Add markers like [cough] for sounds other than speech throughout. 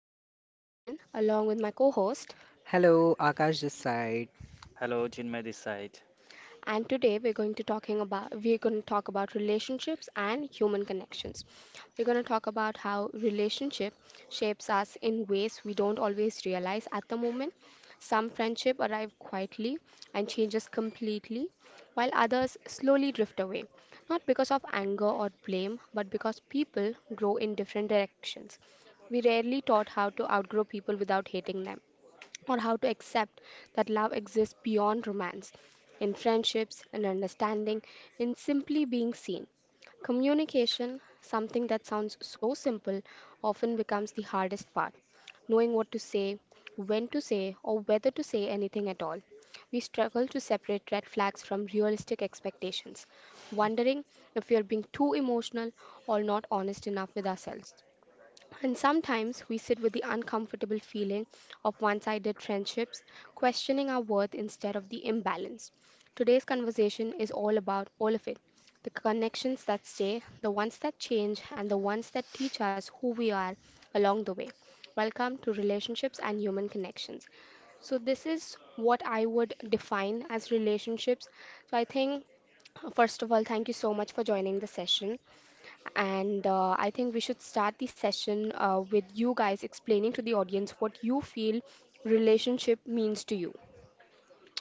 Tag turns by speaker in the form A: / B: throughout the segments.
A: I'm your host Sharon along with my co-host,
B: Hello, Akash this side.
C: Hello, Chinmay this side.
A: and today we're going to talk about relationships and human connections. We're going to talk about how relationship shapes us in ways we don't always realize at the moment. Some friendship arrive quietly and changes completely, while others slowly drift away, not because of anger or blame, but because people grow in different directions. We rarely taught how to outgrow people without hating them, or how to accept that love exists beyond romance, in friendships, in understanding, in simply being seen. Communication, something that sounds so simple, often becomes the hardest part. Knowing what to say, when to say, or whether to say anything at all. We struggle to separate red flags from realistic expectations, wondering if we are being too emotional or not honest enough with ourselves. And sometimes we sit with the uncomfortable feeling of one sided friendships, questioning our worth instead of the imbalance. Today's conversation is all about all of it, the connections that stay, the ones that change, and the ones that teach us who we are along the way. Welcome to Relationships and Human Connections. So, this is what I would define as relationships. So, I think, first of all, thank you so much for joining the session. And I think we should start the session with you guys explaining to the audience what you feel relationship means to you.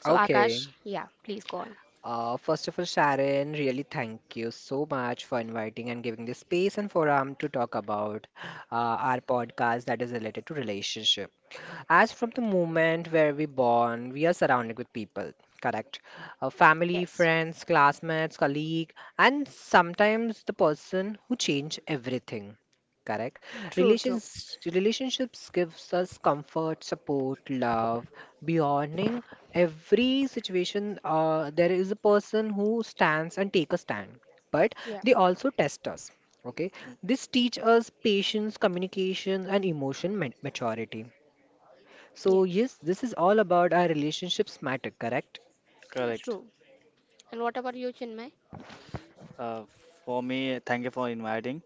A: So, Akash,
B: Okay.
A: yeah, please go on.
B: First of all, Sharon, really thank you so much for inviting and giving this space and forum to talk about our podcast that is related to relationship. As from the moment where we born, we are surrounded with people, correct? Family,
A: Yes.
B: friends, classmates, colleague, and sometimes the person who change everything, correct?
A: True, true.
B: Relationships gives us comfort, support, love, beyonding every situation. There is a person who stands and take a stand, but
A: Yeah.
B: they also test us. Okay, this teach us patience, communication, and maturity.
A: Yeah.
B: So yes, this is all about our relationships matter, correct?
A: It's
C: Correct.
A: true. And what about you, Chinmay?
C: Uh, for me, thank you for inviting.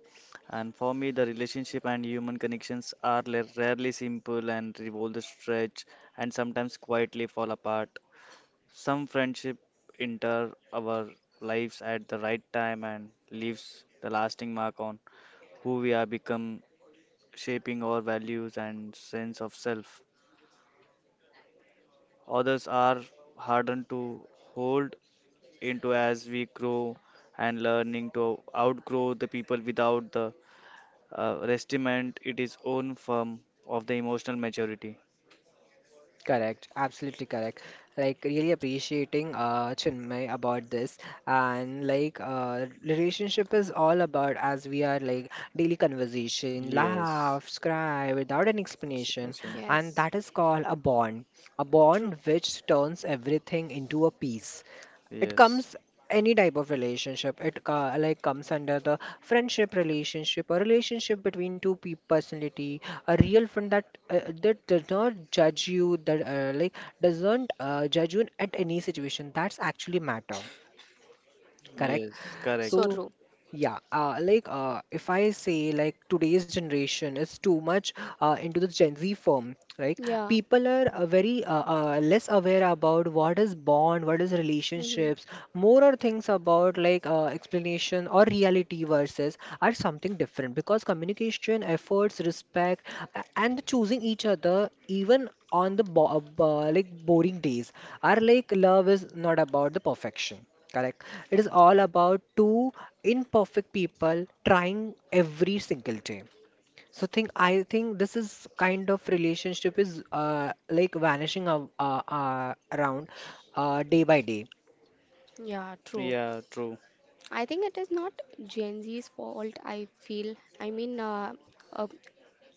C: And for me, the relationship and human connections are rarely simple and revolve the stretch and sometimes quietly fall apart. Some friendship enter our lives at the right time and leaves the lasting mark on who we are become, shaping our values and sense of self. Others are hardened to hold into as we grow and learning to outgrow the people without the restiment it is own form of the emotional maturity.
B: Correct, absolutely correct. Like really appreciating Chinmay about this, and like relationship is all about, as we are, like, daily conversation,
C: Yes,
B: laughs, cry without an explanation,
C: resignation.
B: and
A: Yes.
B: that is called a bond. A bond
A: True.
B: which turns everything into a piece. It
C: Yes,
B: comes, any type of relationship, it like comes under the friendship relationship, a relationship between two people personality. A real friend that that does not judge you, that like doesn't judge you at any situation, that's actually matter. Correct.
C: yes, correct.
A: So
B: So,
A: true.
B: yeah, like if I say like today's generation is too much into the Gen Z form, right?
A: Yeah.
B: People are very less aware about what is bond, what is
A: Hmm.
B: relationships. More are things about like explanation or reality versus are something different, because communication, efforts, respect, and choosing each other even on the like boring days are like love is not about the perfection. Correct. It is all about two imperfect people trying every single day. So think I think this is kind of relationship is like vanishing around day by day.
A: Yeah, true.
C: Yeah, true.
A: I think it is not Gen Z's fault, I feel. I mean, uh,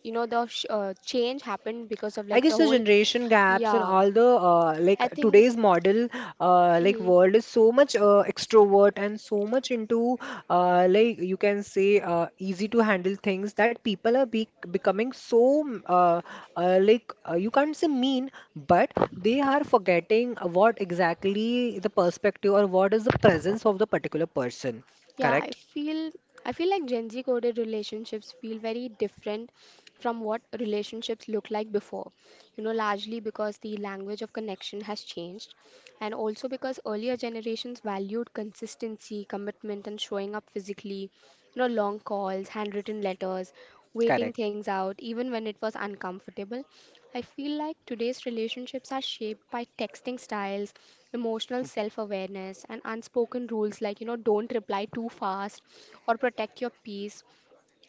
A: you know, the sh change happened because of
B: I
A: like
B: guess
A: the
B: the
A: whole,
B: generation gaps and
A: yeah,
B: all the like
A: I think,
B: today's model, like
A: mhm.
B: world is so much extrovert and so much into like you can say easy to handle things that people are be becoming so like you can't say mean, but they are forgetting what exactly the perspective or what is the presence of the particular person.
A: Yeah, I
B: Correct?
A: feel. I feel like Gen Z coded relationships feel very different from what relationships looked like before. You know, largely because the language of connection has changed, and also because earlier generations valued consistency, commitment, and showing up physically. You know, long calls, handwritten letters, waiting
B: Correct.
A: things out, even when it was uncomfortable. I feel like today's relationships are shaped by texting styles, emotional self-awareness, and unspoken rules like, you know, don't reply too fast or protect your peace.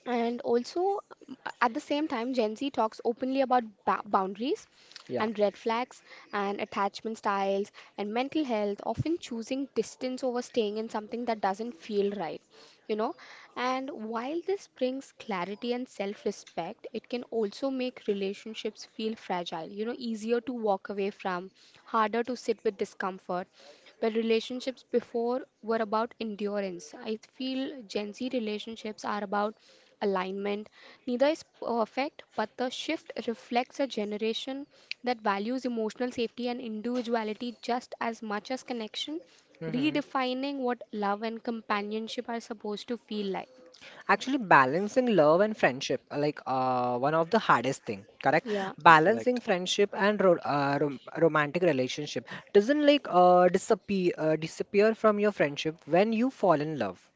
A: And also, at the same time, Gen Z talks openly about boundaries
B: Yeah.
A: and red flags and attachment styles and mental health, often choosing distance over staying in something that doesn't feel right, you know. And while this brings clarity and self respect, it can also make relationships feel fragile, you know, easier to walk away from, harder to sit with discomfort. But relationships before were about endurance. I feel Gen Z relationships are about alignment. Neither is perfect, but the shift reflects a generation that values emotional safety and individuality just as much as connection,
B: Mm-hmm.
A: redefining what love and companionship are supposed to feel like.
B: Actually balancing love and friendship, like one of the hardest thing, correct?
A: Yeah,
C: Correct,
B: Balancing friendship and romantic relationship doesn't like disappear from your friendship when you fall in love,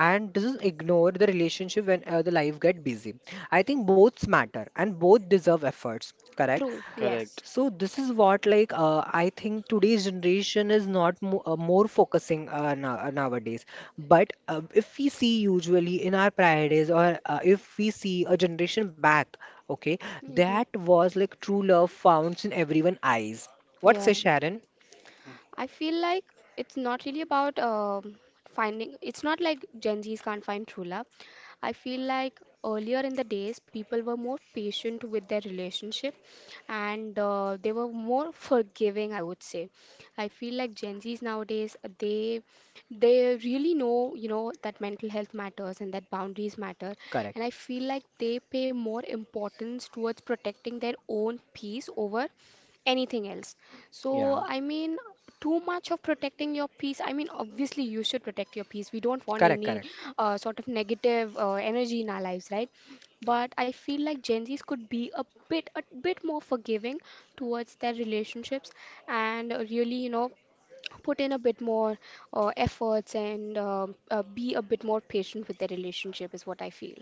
B: and doesn't ignore the relationship when the life get busy. I think both matter and both deserve efforts, correct?
A: true. Yes.
C: correct.
B: So this is what like I think today's generation is not mo more focusing nowadays. But if we see usually in our prior days, or if we see a generation back, okay,
A: Hmm.
B: that was like true love found in everyone's eyes. What's
A: Yeah.
B: say, Sharon?
A: I feel like it's, not really about finding, it's not like Gen Zs can't find true love. I feel like earlier in the days, people were more patient with their relationship, and they were more forgiving, I would say. I feel like Gen Zs nowadays, they really know, you know, that mental health matters and that boundaries matter. And
B: Correct.
A: I feel like they pay more importance towards protecting their own peace over anything else.
B: Yeah.
A: So, I mean, too much of protecting your peace. I mean, obviously, you should protect your peace. We don't want
B: Correct.
A: any
B: Correct.
A: sort of negative energy in our lives, right? But I feel like Gen Zs could be a bit more forgiving towards their relationships and really, you know, put in a bit more efforts and be a bit more patient with their relationship, is what I feel.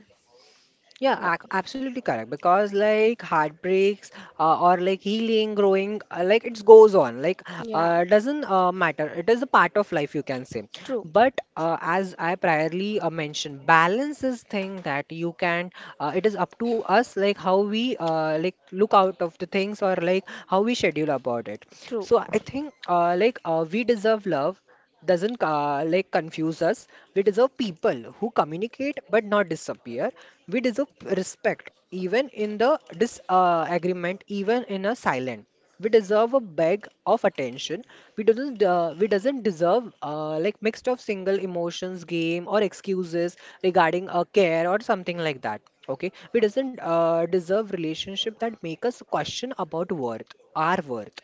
A: Yeah.
B: Yeah, absolutely correct. Because like heartbreaks, or like healing, growing, like it goes on. Like
A: Yeah.
B: doesn't matter. It is a part of life, you can say.
A: True.
B: But as I priorly mentioned, balance is thing that you can. It is up to us, like how we like look out of the things, or like how we schedule about it.
A: True.
B: So I think like we deserve love doesn't like confuse us. We deserve people who communicate but not disappear. We deserve respect even in the disagreement, even in a silent. We deserve a bag of attention. We doesn't, we doesn't deserve like mixed of single emotions, game or excuses regarding a care or something like that. Okay, we doesn't deserve relationship that make us question about worth, our worth,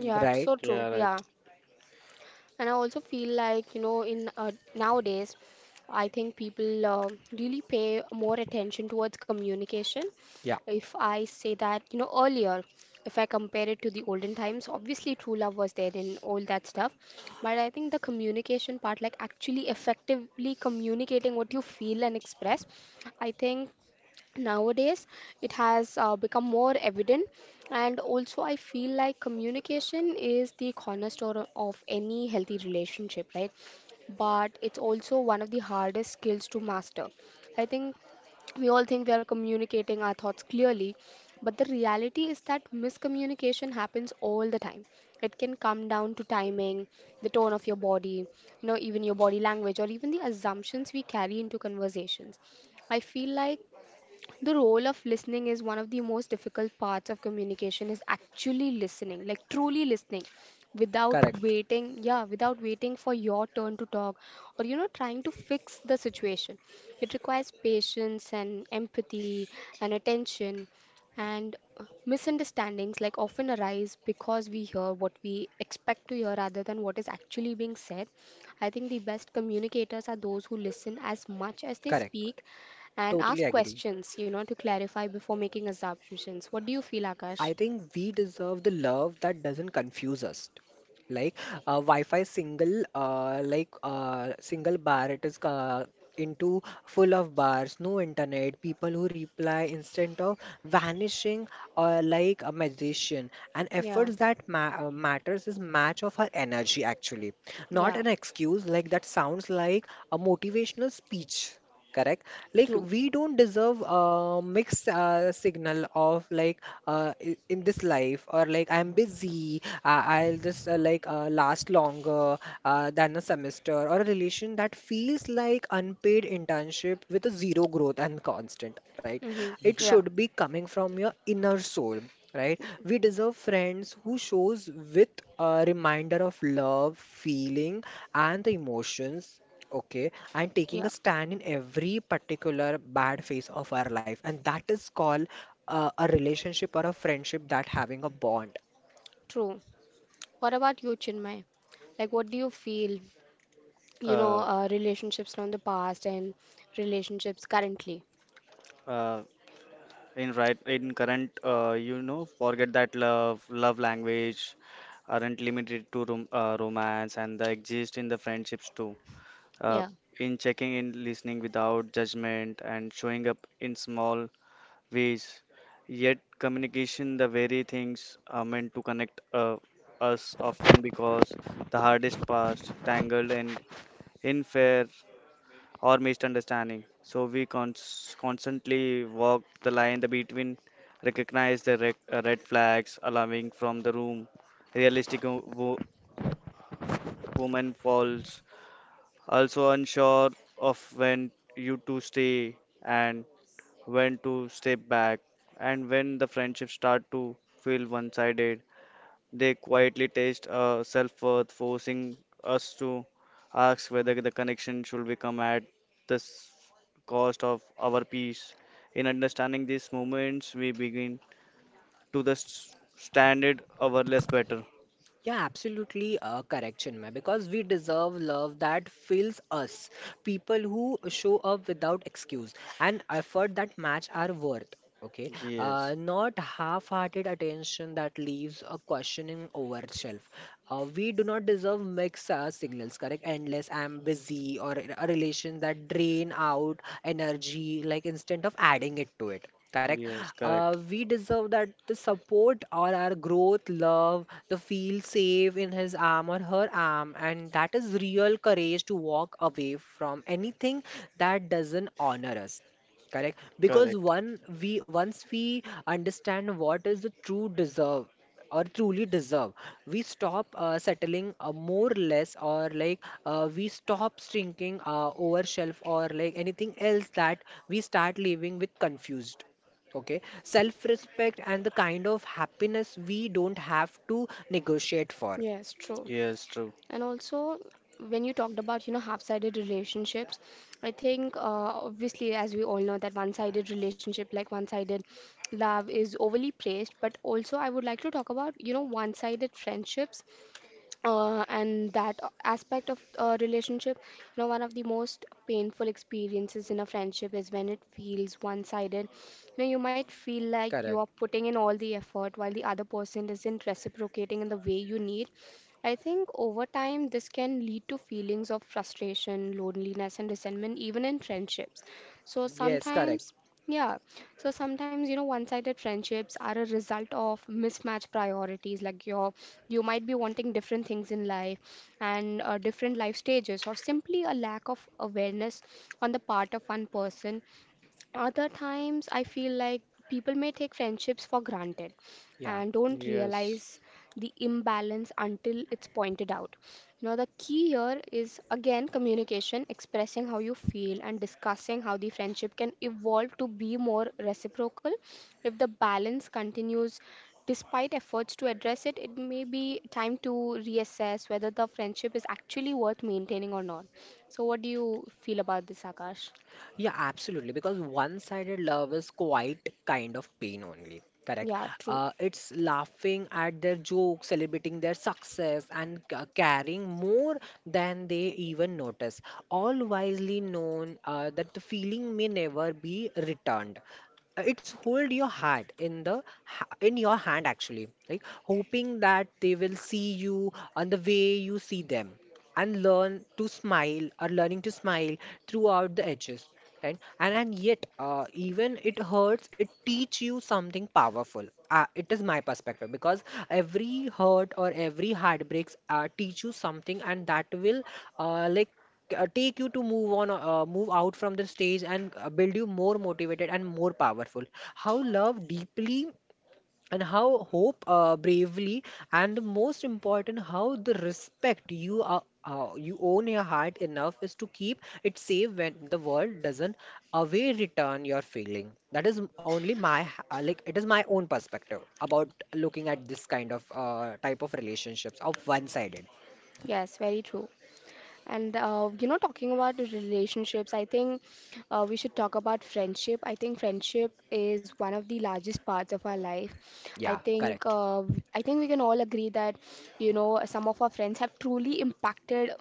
C: Mm,
B: right?
A: So true.
C: yeah, right.
A: Yeah. And I also feel like, you know, in nowadays, I think people really pay more attention towards communication.
B: Yeah,
A: If I say that, you know, earlier, if I compare it to the olden times, obviously true love was there and all that stuff. But I think the communication part, like actually effectively communicating what you feel and express, I think nowadays it has become more evident. And also, I feel like communication is the cornerstone of any healthy relationship, right? But it's also one of the hardest skills to master. I think we all think we are communicating our thoughts clearly, but the reality is that miscommunication happens all the time. It can come down to timing, the tone of your body, you know, even your body language, or even the assumptions we carry into conversations. I feel like the role of listening is one of the most difficult parts of communication, is actually listening, like truly listening without
B: correct,
A: waiting, yeah, without waiting for your turn to talk, or, you know, trying to fix the situation. It requires patience and empathy and attention. And misunderstandings like often arise because we hear what we expect to hear rather than what is actually being said. I think the best communicators are those who listen as much as they
B: correct.
A: speak and
B: Totally
A: ask
B: agree.
A: questions, you know, to clarify before making assumptions. What do you feel,
B: I
A: Akash?
B: think we deserve the love that doesn't confuse us. Like a Wi-Fi single, like single bar, it is into full of bars, no internet, people who reply instead of vanishing like a magician. And
A: Yeah,
B: efforts that ma matters is match of her energy actually, not
A: yeah,
B: an excuse like that sounds like a motivational speech, correct? Like
A: true.
B: we don't deserve a mixed signal of like in this life, or like I'm busy, I'll just like last longer than a semester, or a relation that feels like unpaid internship with a zero growth and constant, right?
A: Mm-hmm.
B: It
A: Yeah,
B: should be coming from your inner soul, right? We deserve friends who shows with a reminder of love feeling and the emotions, okay, and taking a
A: yeah,
B: stand in every particular bad phase of our life, and that is called a relationship or a friendship that having a bond.
A: true. What about you, Chinmay? Like, what do you feel, you know,
C: Uh,
A: relationships from the past and relationships currently?
C: uh, in current, you know, forget that love, love language aren't limited to romance and they exist in the friendships too. uh,
A: Yeah,
C: in checking in, listening without judgment, and showing up in small ways. Yet, communication, the very things are meant to connect us, often because the hardest past, tangled and unfair or misunderstanding. So, we constantly walk the line the between, recognize the red flags, alarming from the room, realistic woman falls also unsure of when you to stay and when to step back and when the friendships start to feel one-sided, they quietly taste self-worth forcing us to ask whether the connection should become at the cost of our peace. In understanding these moments, we begin to standard our less better.
B: Yeah, absolutely correct Chinmay, because we deserve love that fills us, people who show up without excuse and effort that match our worth, okay,
C: Yes,
B: not half-hearted attention that leaves a questioning over shelf. We do not deserve mixed signals, correct? Endless, I'm busy, or a relation that drain out energy, like instead of adding it to it, correct?
C: yes, correct,
B: We deserve that the support or our growth, love, the feel safe in his arm or her arm, and that is real courage to walk away from anything that doesn't honor us, correct? Because
C: correct.
B: one, we once we understand what is the true deserve, or truly deserve, we stop settling more or less, or like we stop shrinking over shelf, or like anything else, that we start living with confused. Okay, self respect and the kind of happiness we don't have to negotiate for.
A: yes, true.
C: Yes, true.
A: And also, when you talked about, you know, half-sided relationships, I think, obviously, as we all know, that one-sided relationship, like one-sided love, is overly praised. But also, I would like to talk about, you know, one-sided friendships, and that aspect of a relationship. You know, one of the most painful experiences in a friendship is when it feels one-sided. You know, you might feel like you
B: Correct.
A: are putting in all the effort while the other person isn't reciprocating in the way you need. I think over time, this can lead to feelings of frustration, loneliness, and resentment, even in friendships. So
B: Yes, correct.
A: sometimes, yeah, so sometimes, you know, one sided friendships are a result of mismatched priorities, like you might be wanting different things in life and different life stages, or simply a lack of awareness on the part of one person. Other times, I feel like people may take friendships for granted
B: Yeah.
A: and don't
C: Yes,
A: realize the imbalance until it's pointed out. Now, the key here is again communication, expressing how you feel, and discussing how the friendship can evolve to be more reciprocal. If the balance continues despite efforts to address it, it may be time to reassess whether the friendship is actually worth maintaining or not. So, what do you feel about this, Akash?
B: Yeah, absolutely. Because one-sided love is quite kind of pain only. Correct.
A: Yeah, true.
B: It's laughing at their jokes, celebrating their success, and caring more than they even notice, all wisely known that the feeling may never be returned. It's hold your heart in the in your hand actually, like hoping that they will see you on the way you see them, and learn to smile, or learning to smile throughout the edges, right? And yet, even it hurts, it teach you something powerful. It is my perspective, because every hurt or every heartbreaks teach you something, and that will like take you to move on, move out from the stage, and build you more motivated and more powerful. How love deeply, and how hope bravely, and the most important, how the respect you are, you own your heart enough is to keep it safe when the world doesn't away return your feeling. That is only my like it is my own perspective about looking at this kind of type of relationships of one sided.
A: Yes, very true. And you know, talking about the relationships, I think we should talk about friendship. I think friendship is one of the largest parts of our life. I
B: Yeah,
A: think
B: correct.
A: uh, I think we can all agree that, you know, some of our friends have truly impacted,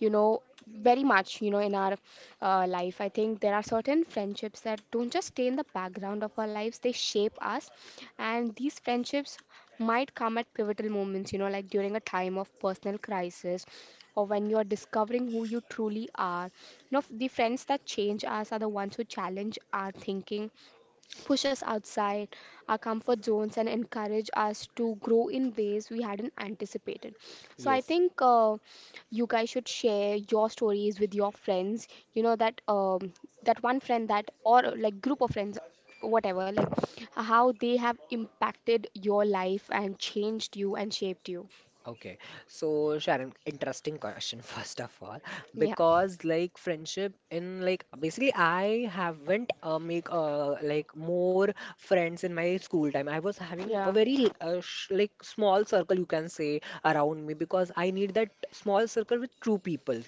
A: you know, very much, you know, in our life. I think there are certain friendships that don't just stay in the background of our lives; they shape us, and these friendships might come at pivotal moments, you know, like during a time of personal crisis or when you're discovering who you truly are. You know, the friends that change us are the ones who challenge our thinking, push us outside our comfort zones, and encourage us to grow in ways we hadn't anticipated. So I
B: Yes.
A: think you guys should share your stories with your friends. You know that um, that one friend, that or like group of friends, whatever, like how they have impacted your life and changed you and shaped you.
B: Okay, so Sharon, interesting question [laughs] first of all,
A: Yeah,
B: because like friendship in like basically I haven't make like more friends in my school time. I was having a
A: yeah,
B: very sh like small circle you can say around me, because I need that small circle with true people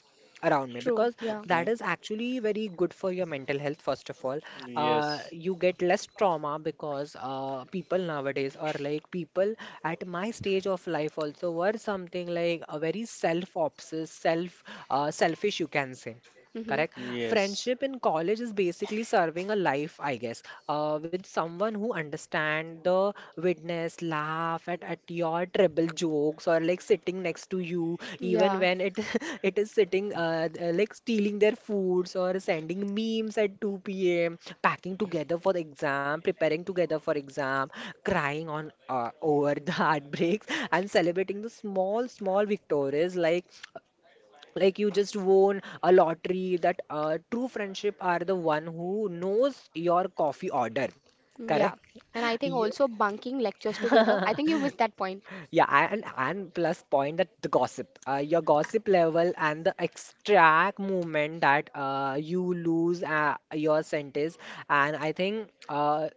B: around me,
A: true.
B: because
A: Yeah,
B: that
C: okay.
B: is actually very good for your mental health, first of all.
C: Yes,
B: You get less trauma because people nowadays are like people at my stage of life also were something like a very self-obsessed, self, selfish, you can say.
A: mm-hmm.
B: Correct.
C: yes,
B: Friendship in college is basically serving a life, I guess, with someone who understand the witness, laugh at your terrible jokes, or like sitting next to you, even
A: Yeah,
B: when it [laughs] it is sitting like stealing their foods, or sending memes at 2 p.m., packing together for the exam, preparing together for exam, crying on over the [laughs] heartbreaks, and celebrating the small victories like you just won a lottery. That true friendship are the one who knows your coffee order,
A: yeah.
B: correct?
A: And I
B: [laughs]
A: think
B: Y-
A: also bunking lectures together. I think you missed that point.
B: yeah, and plus point that the gossip, your gossip level and the extract movement that you lose your sentence, and I think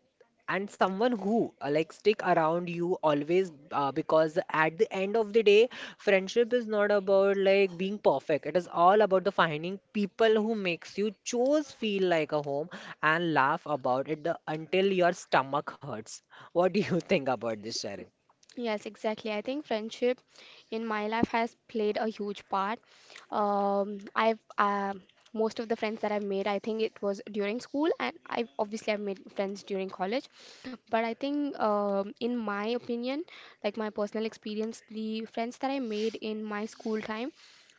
B: and someone who like stick around you always, because at the end of the day, friendship is not about like being perfect. It is all about the finding people who makes you chose feel like a home, and laugh about it the, until your stomach hurts. What do you [laughs] think about this, Sharon?
A: Yes, exactly. I think friendship in my life has played a huge part. I've Most of the friends that I've made, I think it was during school, and I obviously I've made friends during college. But I think, in my opinion, like my personal experience, the friends that I made in my school time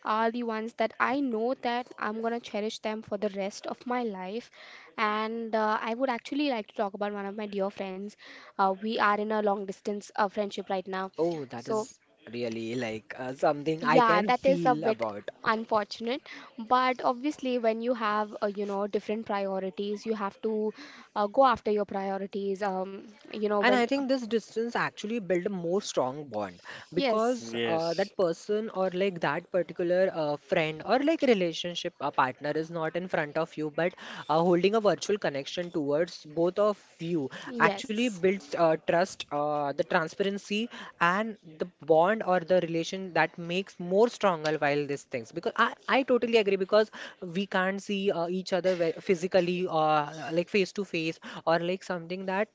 A: are the ones that I know that I'm gonna cherish them for the rest of my life. And I would actually like to talk about one of my dear friends. We are in a long distance friendship right now.
B: Oh, that
A: So,
B: is really like something I
A: yeah,
B: can
A: that is a
B: feel
A: bit
B: about.
A: unfortunate. But obviously, when you have, you know, different priorities, you have to go after your priorities. You know,
B: And
A: when,
B: I think this distance actually build a more strong bond,
A: yes,
B: because
C: yes,
B: that person, or like that particular friend, or like relationship a partner is not in front of you, but holding a virtual connection towards both of you, actually
A: yes,
B: builds trust, the transparency, and the bond or the relation that makes more stronger while these things. Because I totally agree, because we can't see each other physically, like face to face, or like something that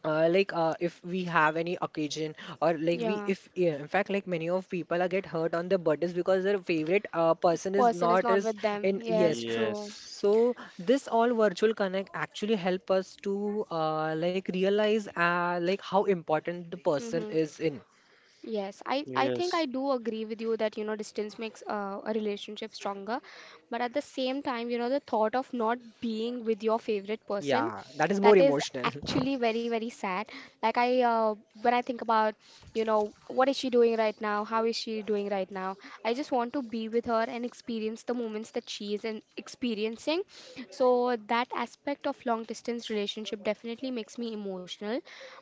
B: like if we have any occasion, or like we
A: yeah,
B: if, yeah, in fact, like many of people are get hurt on their birthdays because their favorite person is
A: person is
B: not
A: not
B: is
A: with them.
B: in,
A: Yes,
B: yes,
A: true.
C: yes,
B: so this all virtual connect actually help us to like realize like how important the person
A: Hmm.
B: is in,
A: Yes, I think I
C: yes,
A: do agree with you that, you know, distance makes a relationship stronger. But at the same time, you know, the thought of not being with your favorite person,
B: yeah, that is
A: that
B: more
A: is
B: emotional. [laughs]
A: actually very, very sad. Like when I think about, you know, what is she doing right now? How is she doing right now? I just want to be with her and experience the moments that she is in experiencing. So that aspect of long distance relationship definitely makes me emotional.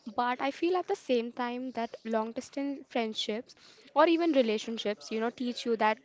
A: But I feel at the same time that long distance friendships or even relationships, you know, teach you that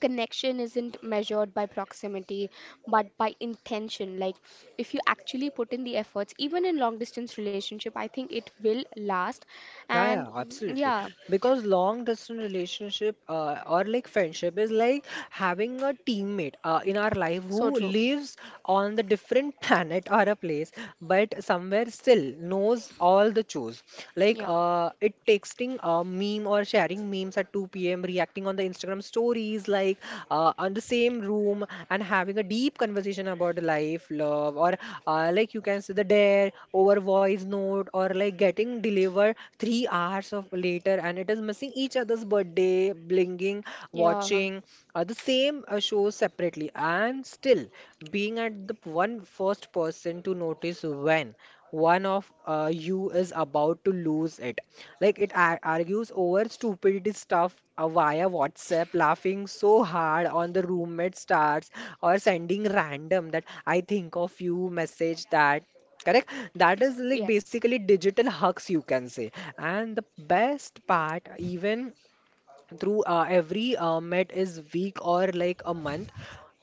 A: connection isn't measured by proximity but by intention. Like, if you actually put in the efforts even in long distance relationship, I think it will last.
B: Yeah, yeah, absolutely.
A: Yeah.
B: Because long distance relationship or like friendship is like having a teammate in our life
A: So
B: who
A: true.
B: lives on the different [laughs] planet or a place, but somewhere still knows all the chores. Like it texting a meme or sharing memes at 2 p.m., reacting on the Instagram stories, like on the same room, and having a deep conversation about life, love, or like you can say the dare over voice note, or like getting delivered 3 hours of later, and it is missing each other's birthday, blinging,
A: Yeah, shares.
B: watching the same shows separately, and still being at the one first person to notice when one of you is about to lose it. Like it argues over stupidity stuff via WhatsApp, laughing so hard on the roommate stars, or sending random that I think of you message that, correct? That is like basically digital hugs, you can say. And the best part, even through every met is week or like a month,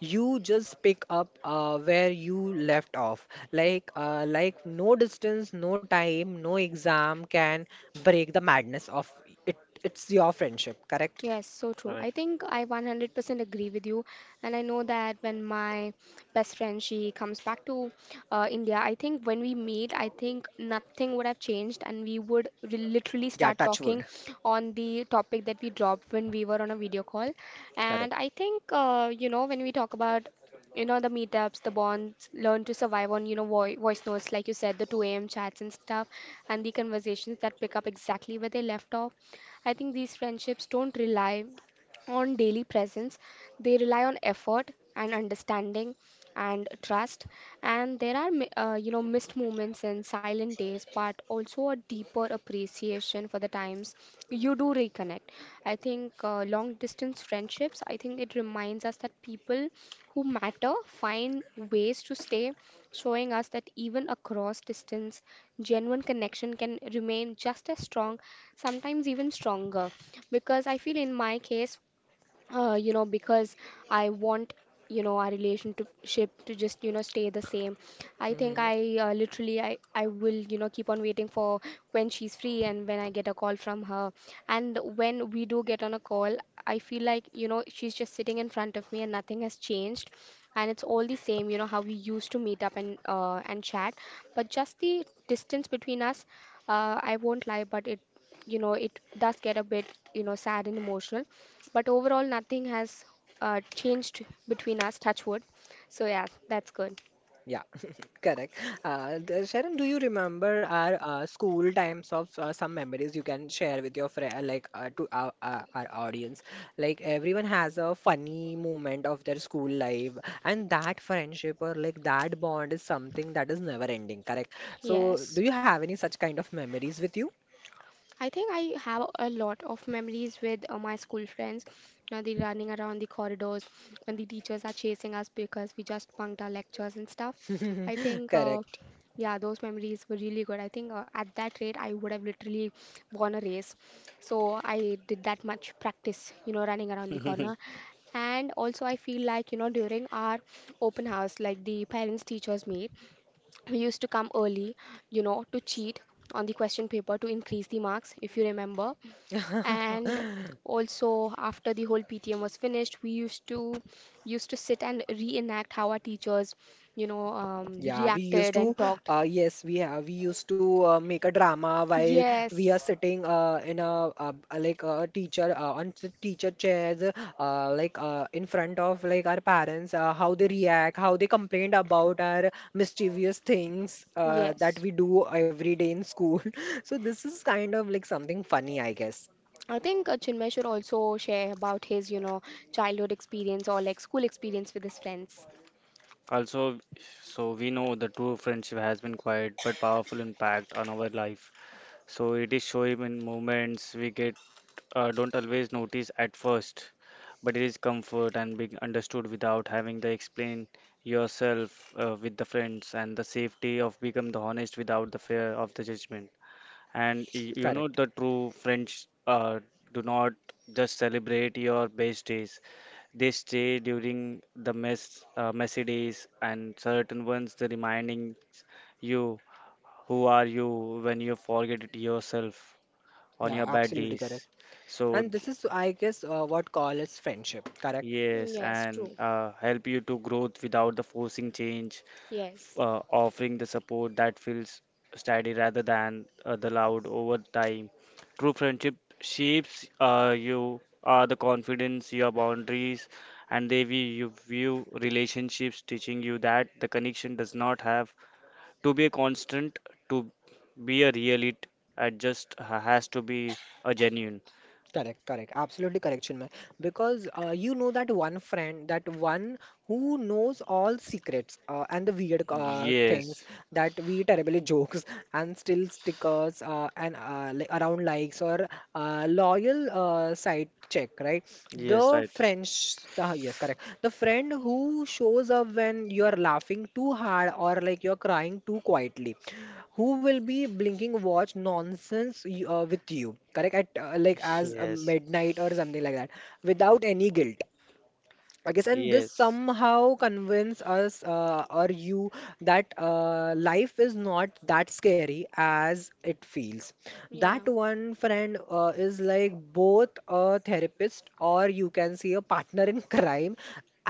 B: you just pick up where you left off. Like no distance, no time, no exam can break the madness of it. It's your friendship, correct?
A: Yes, so true. I
C: correct.
A: think I 100% agree with you. And I know that when my best friend, she comes back to India, I think when we meet, I think nothing would have changed and we would literally
B: Yeah,
A: start
B: touch wood,
A: talking on the topic that we dropped when we were on a video call. And
B: correct.
A: I think, you know, when we talk about, you know, the meetups, the bonds learn to survive on, you know, voice notes, like you said, the 2 a.m. chats and stuff, and the conversations that pick up exactly where they left off. I think these friendships don't rely on daily presence, they rely on effort and understanding and trust. And there are you know, missed moments and silent days, but also a deeper appreciation for the times you do reconnect. I think long distance friendships, I think it reminds us that people who matter find ways to stay, showing us that even across distance genuine connection can remain just as strong, sometimes even stronger. Because I feel in my case, you know, because I want, you know, our relationship to just, you know, stay the same. I think
B: Hmm.
A: I literally, I will, you know, keep on waiting for when she's free and when I get a call from her. And when we do get on a call, I feel like, you know, she's just sitting in front of me and nothing has changed. And it's all the same, you know, how we used to meet up and chat. But just the distance between us, I won't lie, but it, you know, it does get a bit, you know, sad and emotional, but overall, nothing has changed between us, touch wood. So yeah, that's good.
B: Yeah. Correct. Sharon, do you remember our school times of some memories you can share with your friend, like to our audience? Like everyone has a funny moment of their school life, and that friendship or like that bond is something that is never ending, correct? So,
A: Yes.
B: do you have any such kind of memories with you?
A: I think I have a lot of memories with my school friends. You know, the running around the corridors when the teachers are chasing us because we just bunked our lectures and stuff. I
B: [laughs]
A: think,
B: Correct.
A: yeah, those memories were really good. I think at that rate, I would have literally won a race. So I did that much practice, you know, running around the corner.
C: [laughs]
A: And also, I feel like, you know, during our open house, like the parents teachers meet, we used to come early, you know, to cheat on the question paper to increase the marks, if you remember.
B: [laughs]
A: And also after the whole PTM was finished, we used to used to sit and reenact how our teachers,
B: Yeah, we
A: reacted
B: used to,
A: and talked.
B: yes, we have, we used to make a drama while
A: Yes.
B: we are sitting in a, like a teacher on the teacher chairs, like in front of like our parents, how they react, how they complained about our mischievous things that
A: Yes.
B: we do every day in school. [laughs] So this is kind of like something funny, I guess.
A: I think Chinmay should also share about his, you know, childhood experience or like school experience with his friends.
C: Also, so we know the true friendship has been quiet but powerful impact on our life. So it is shown in moments we get don't always notice at first, but it is comfort and being understood without having to explain yourself with the friends and the safety of become the honest without the fear of the judgment. And you know,
B: Correct.
C: the true French do not just celebrate your best days. They stay during the messy days, and certain ones, the reminding you who are you when you forget it yourself on
B: Yeah,
C: your bad
B: absolutely correct.
C: days. So
B: And this is, I guess, what call is friendship, correct.
C: yes,
A: Yes,
C: and
A: true.
C: help you to growth without the forcing change,
A: Yes.
C: offering the support that feels steady rather than the loud over time. True friendship shapes you the confidence, your boundaries, and they view you view relationships, teaching you that the connection does not have to be a constant to be a real. It just has to be a genuine.
B: Correct, correct. Absolutely correct, Chinmay. Because you know that one friend, that one who knows all secrets and the weird things,
C: Yes,
B: that we terribly [laughs] jokes and still stickers and li around likes, or loyal side check, right?
C: yes,
B: The
C: right.
B: French, yes, correct. The friend who shows up when you're laughing too hard or like you're crying too quietly, who will be blinking watch nonsense with you, correct, at like
C: Yes.
B: as
C: Yes.
B: midnight or something like that, without any guilt, I guess, and this
C: Yes,
B: somehow convince us or you that life is not that scary as it feels.
A: Yeah.
B: That one friend is like both a therapist, or you can see a partner in [laughs] crime,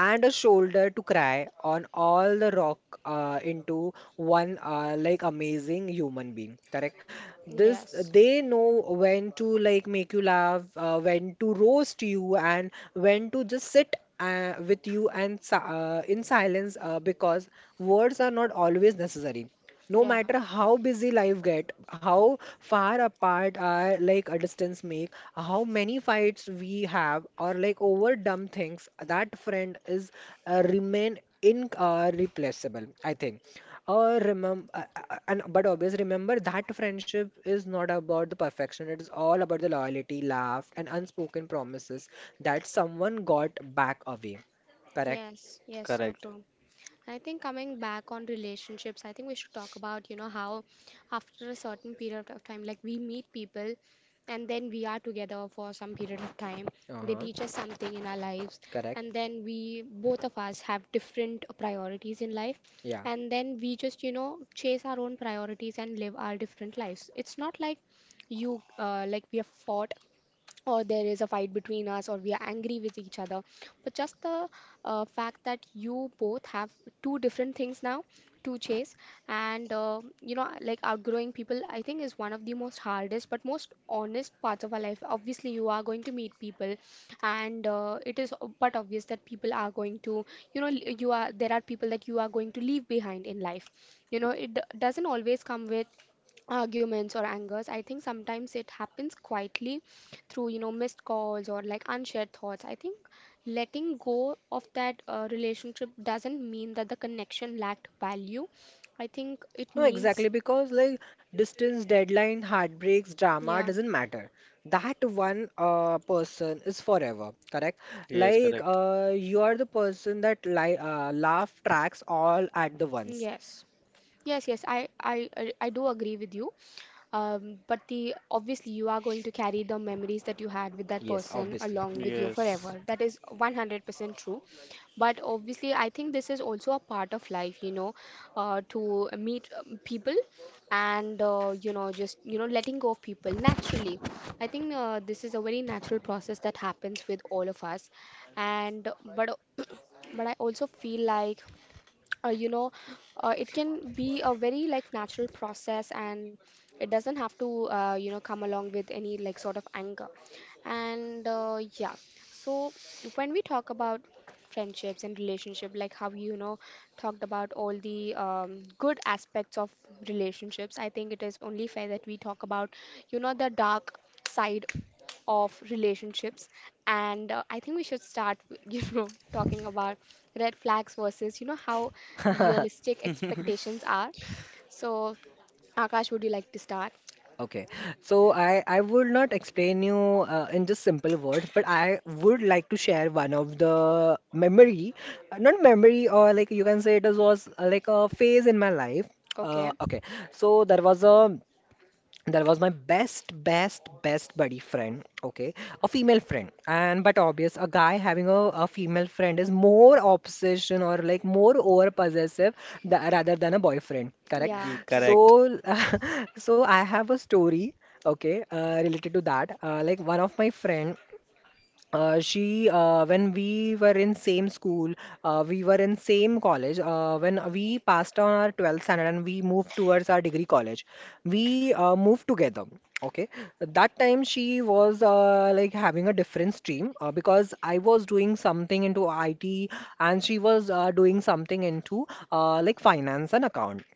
B: and a shoulder to cry on all the rock into one like amazing human being, correct, this
A: Yes.
B: they know when to like make you laugh, when to roast you, and when to just sit with you, and in silence, because words are not always necessary. No
A: Yeah.
B: matter how busy life get, how far apart our like a distance make, how many fights we have, or like over dumb things, that friend is remain in replaceable, I think. Or remember, and but always remember that friendship is not about the perfection. It is all about the loyalty, laugh, and unspoken promises that someone got back away. Correct.
A: Yes, yes, so
C: correct.
A: true. I think coming back on relationships, I think we should talk about, you know, how after a certain period of time, like we meet people and then we are together for some period of time. They
B: Uh-huh.
A: teach us something in our lives, and
B: Correct.
A: then we both of us have different priorities in life,
B: Yeah.
A: and then we just, you know, chase our own priorities and live our different lives. It's not like we have fought or there is a fight between us or we are angry with each other, but just the fact that you both have two different things now to chase. And you know, like, outgrowing people, I think is one of the most hardest but most honest parts of our life. Obviously you are going to meet people, and it is but obvious that people are going to, you know, you are, there are people that you are going to leave behind in life. You know, it doesn't always come with arguments or angers. I think sometimes it happens quietly through, you know, missed calls or like unshared thoughts. I think letting go of that relationship doesn't mean that the connection lacked value. I think it
B: No,
A: means
B: exactly, because like distance, deadline, heartbreaks, drama
A: yeah.
B: doesn't matter. That one person is forever, correct?
C: Yes,
B: Like
C: correct.
B: you are the person that li laugh tracks all at the once.
A: Yes. Yes, yes, I do agree with you. But the obviously you are going to carry the memories that you had with that
B: Yes,
A: person
B: obviously.
A: along with you forever.
C: Yes.
A: That is 100% true. But obviously, I think this is also a part of life, you know, to meet people, and you know, just, you know, letting go of people naturally. I think this is a very natural process that happens with all of us. And but [clears throat] but I also feel like, you know, it can be a very like natural process, and it doesn't have to, you know, come along with any like sort of anger. And Yeah. So when we talk about friendships and relationship, like how, you know, talked about all the good aspects of relationships, I think it is only fair that we talk about, you know, the dark side of relationships. And I think we should start with, [laughs] you know, talking about red flags versus, you know, how
B: [laughs]
A: realistic
C: [laughs]
A: expectations are. So Akash, would you like to start?
B: Okay, so I would not explain you in just simple words, but I would like to share one of the memory, not memory, or like you can say it was like a phase in my life. Uh,
A: Okay.
B: okay, so there was a that was my best best best buddy friend, okay, a female friend, and but obvious a guy having a female friend is more obsession or like more over possessive, rather than a boyfriend, correct,
A: Yeah,
C: He
B: so
A: true.
C: correct.
B: [laughs] so I have a story, okay, related to that, like one of my friend, she, when we were in same school, we were in same college when we passed on our 12th standard, and we moved towards our degree college. We moved together, okay. That time she was like having a different stream, because I was doing something into IT, and she was doing something into like finance and accounting.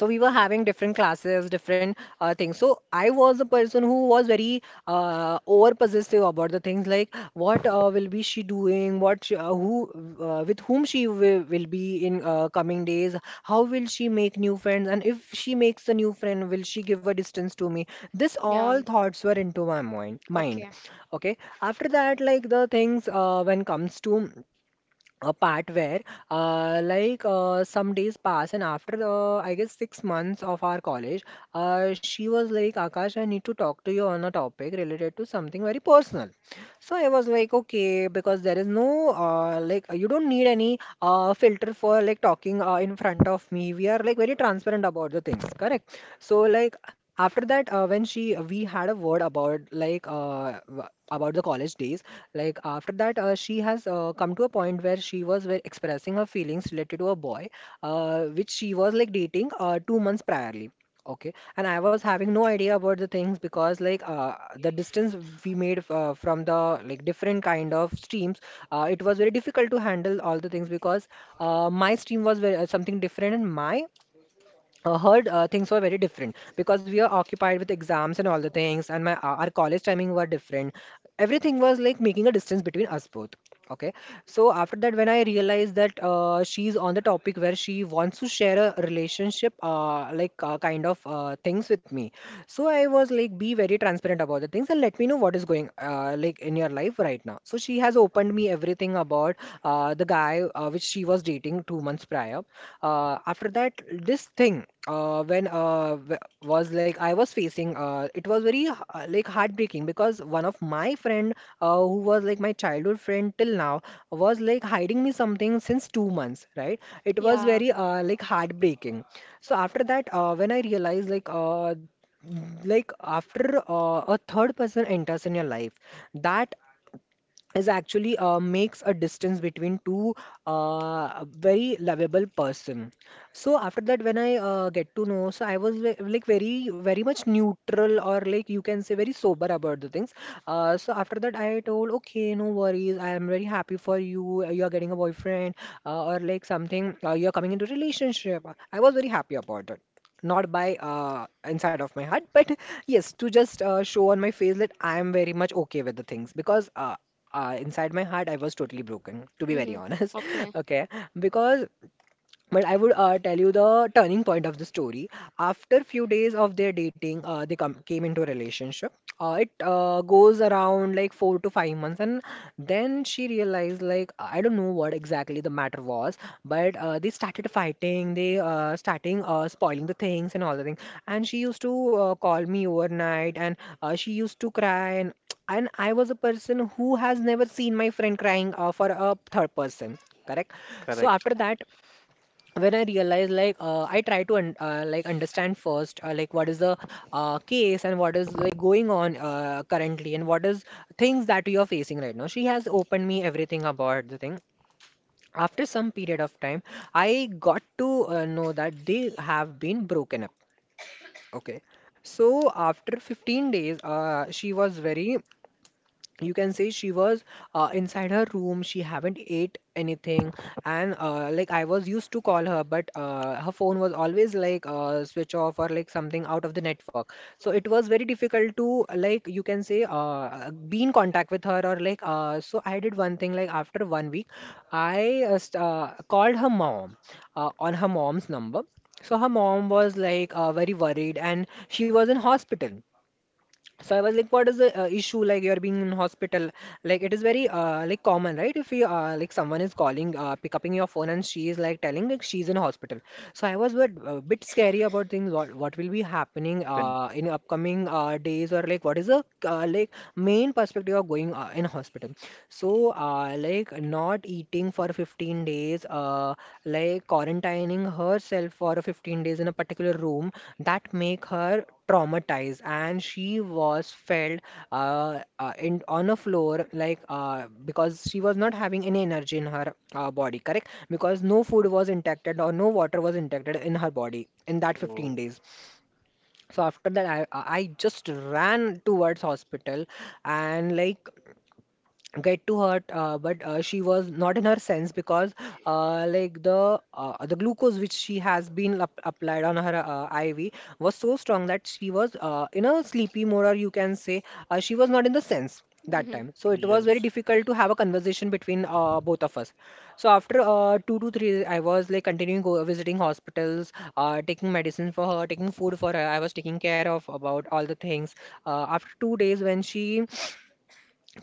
B: So we were having different classes, different things. So I was a person who was very over possessive about the things, like what will be she doing, what she, who with whom she will be in coming days, how will she make new friends, and if she makes a new friend, will she give a distance to me? This
A: Yeah.
B: all thoughts were into my mind,
A: Okay.
B: okay. After that, like the things when comes to a part where like some days pass, and after I guess 6 months of our college, she was like, Akash, I need to talk to you on a topic related to something very personal. So I was like, okay, because there is no, like, you don't need any filter for like talking in front of me, we are like very transparent about the things, correct. So like after that, when she, we had a word about, like, about the college days, like, after that, she has come to a point where she was expressing her feelings related to a boy, which she was like dating 2 months priorly. Okay, and I was having no idea about the things, because like the distance we made from the like different kind of streams, it was very difficult to handle all the things, because my stream was very, something different, and my heard things were very different, because we are occupied with exams and all the things, and my our college timing were different. Everything was like making a distance between us both, okay. So after that, when I realized that she's on the topic where she wants to share a relationship, like, kind of things with me, so I was like, be very transparent about the things, and let me know what is going like in your life right now. So she has opened me everything about the guy, which she was dating 2 months prior. After that, this thing, was like, I was facing, it was very, like heartbreaking, because one of my friend, who was like my childhood friend till now, was like hiding me something since 2 months, right? It was
A: Yeah.
B: very like heartbreaking. So after that, when I realized, like, like after a third person enters in your life, that is actually makes a distance between two very lovable person. So after that, when I get to know, so I was like very very much neutral, or like you can say very sober about the things. So after that I told, okay, no worries, I am very happy for you, you are getting a boyfriend, or like something, you are coming into relationship. I was very happy about it, not by inside of my heart, [laughs] but yes, to just show on my face that I am very much okay with the things, because, inside my heart, I was totally broken, to be very
A: Mm-hmm.
B: honest.
A: Okay.
B: [laughs] Okay, because, but I would tell you the turning point of the story. After few days of their dating, they came into a relationship. It goes around like 4 to 5 months, and then she realized, like, I don't know what exactly the matter was, but they started fighting. They starting spoiling the things and all the things. And she used to call me overnight, and she used to cry. And I was a person who has never seen my friend crying for a third person. Correct. So
C: Correct.
B: after that, when I realized like I try to un like understand first like what is the case and what is like going on currently and what is things that we are facing right now. She has opened me everything about the thing. After some period of time, I got to know that they have been broken up. Okay. So after 15 days, she was very, you can say she was inside her room, she haven't ate anything. And like I was used to call her, but her phone was always like switch off or like something out of the network, so it was very difficult to, like you can say, be in contact with her or so I did one thing, like after 1 week, I called her mom on her mom's number. So her mom was like very worried, and she was in hospital. So I was like, what is the issue? Like, you're being in hospital, like it is very like common, right? If you like someone is calling, pick up your phone. And she is like telling like she's in hospital. So I was bit, a bit scary about things. What will be happening
C: Pin.
B: in upcoming days, or like what is the like main perspective of going in hospital? So like not eating for 15 days, like quarantining herself for 15 days in a particular room, that make her traumatized. And she was felt in on a floor like because she was not having any energy in her body, correct, because no food was intact or no water was intact in her body in that 15
C: Oh,
B: days. So after that, I just ran towards hospital and like get to hurt, but she was not in her sense because like the glucose which she has been up applied on her IV was so strong that she was in a sleepy mode, or you can say she was not in the sense that
A: Mm-hmm.
B: time. So it was very
A: Okay.
C: yes.
B: difficult to have a conversation between both of us. So after 2 to 3 days, I was like continuing go visiting hospitals, taking medicine for her, taking food for her. I was taking care of about all the things. After 2 days, when she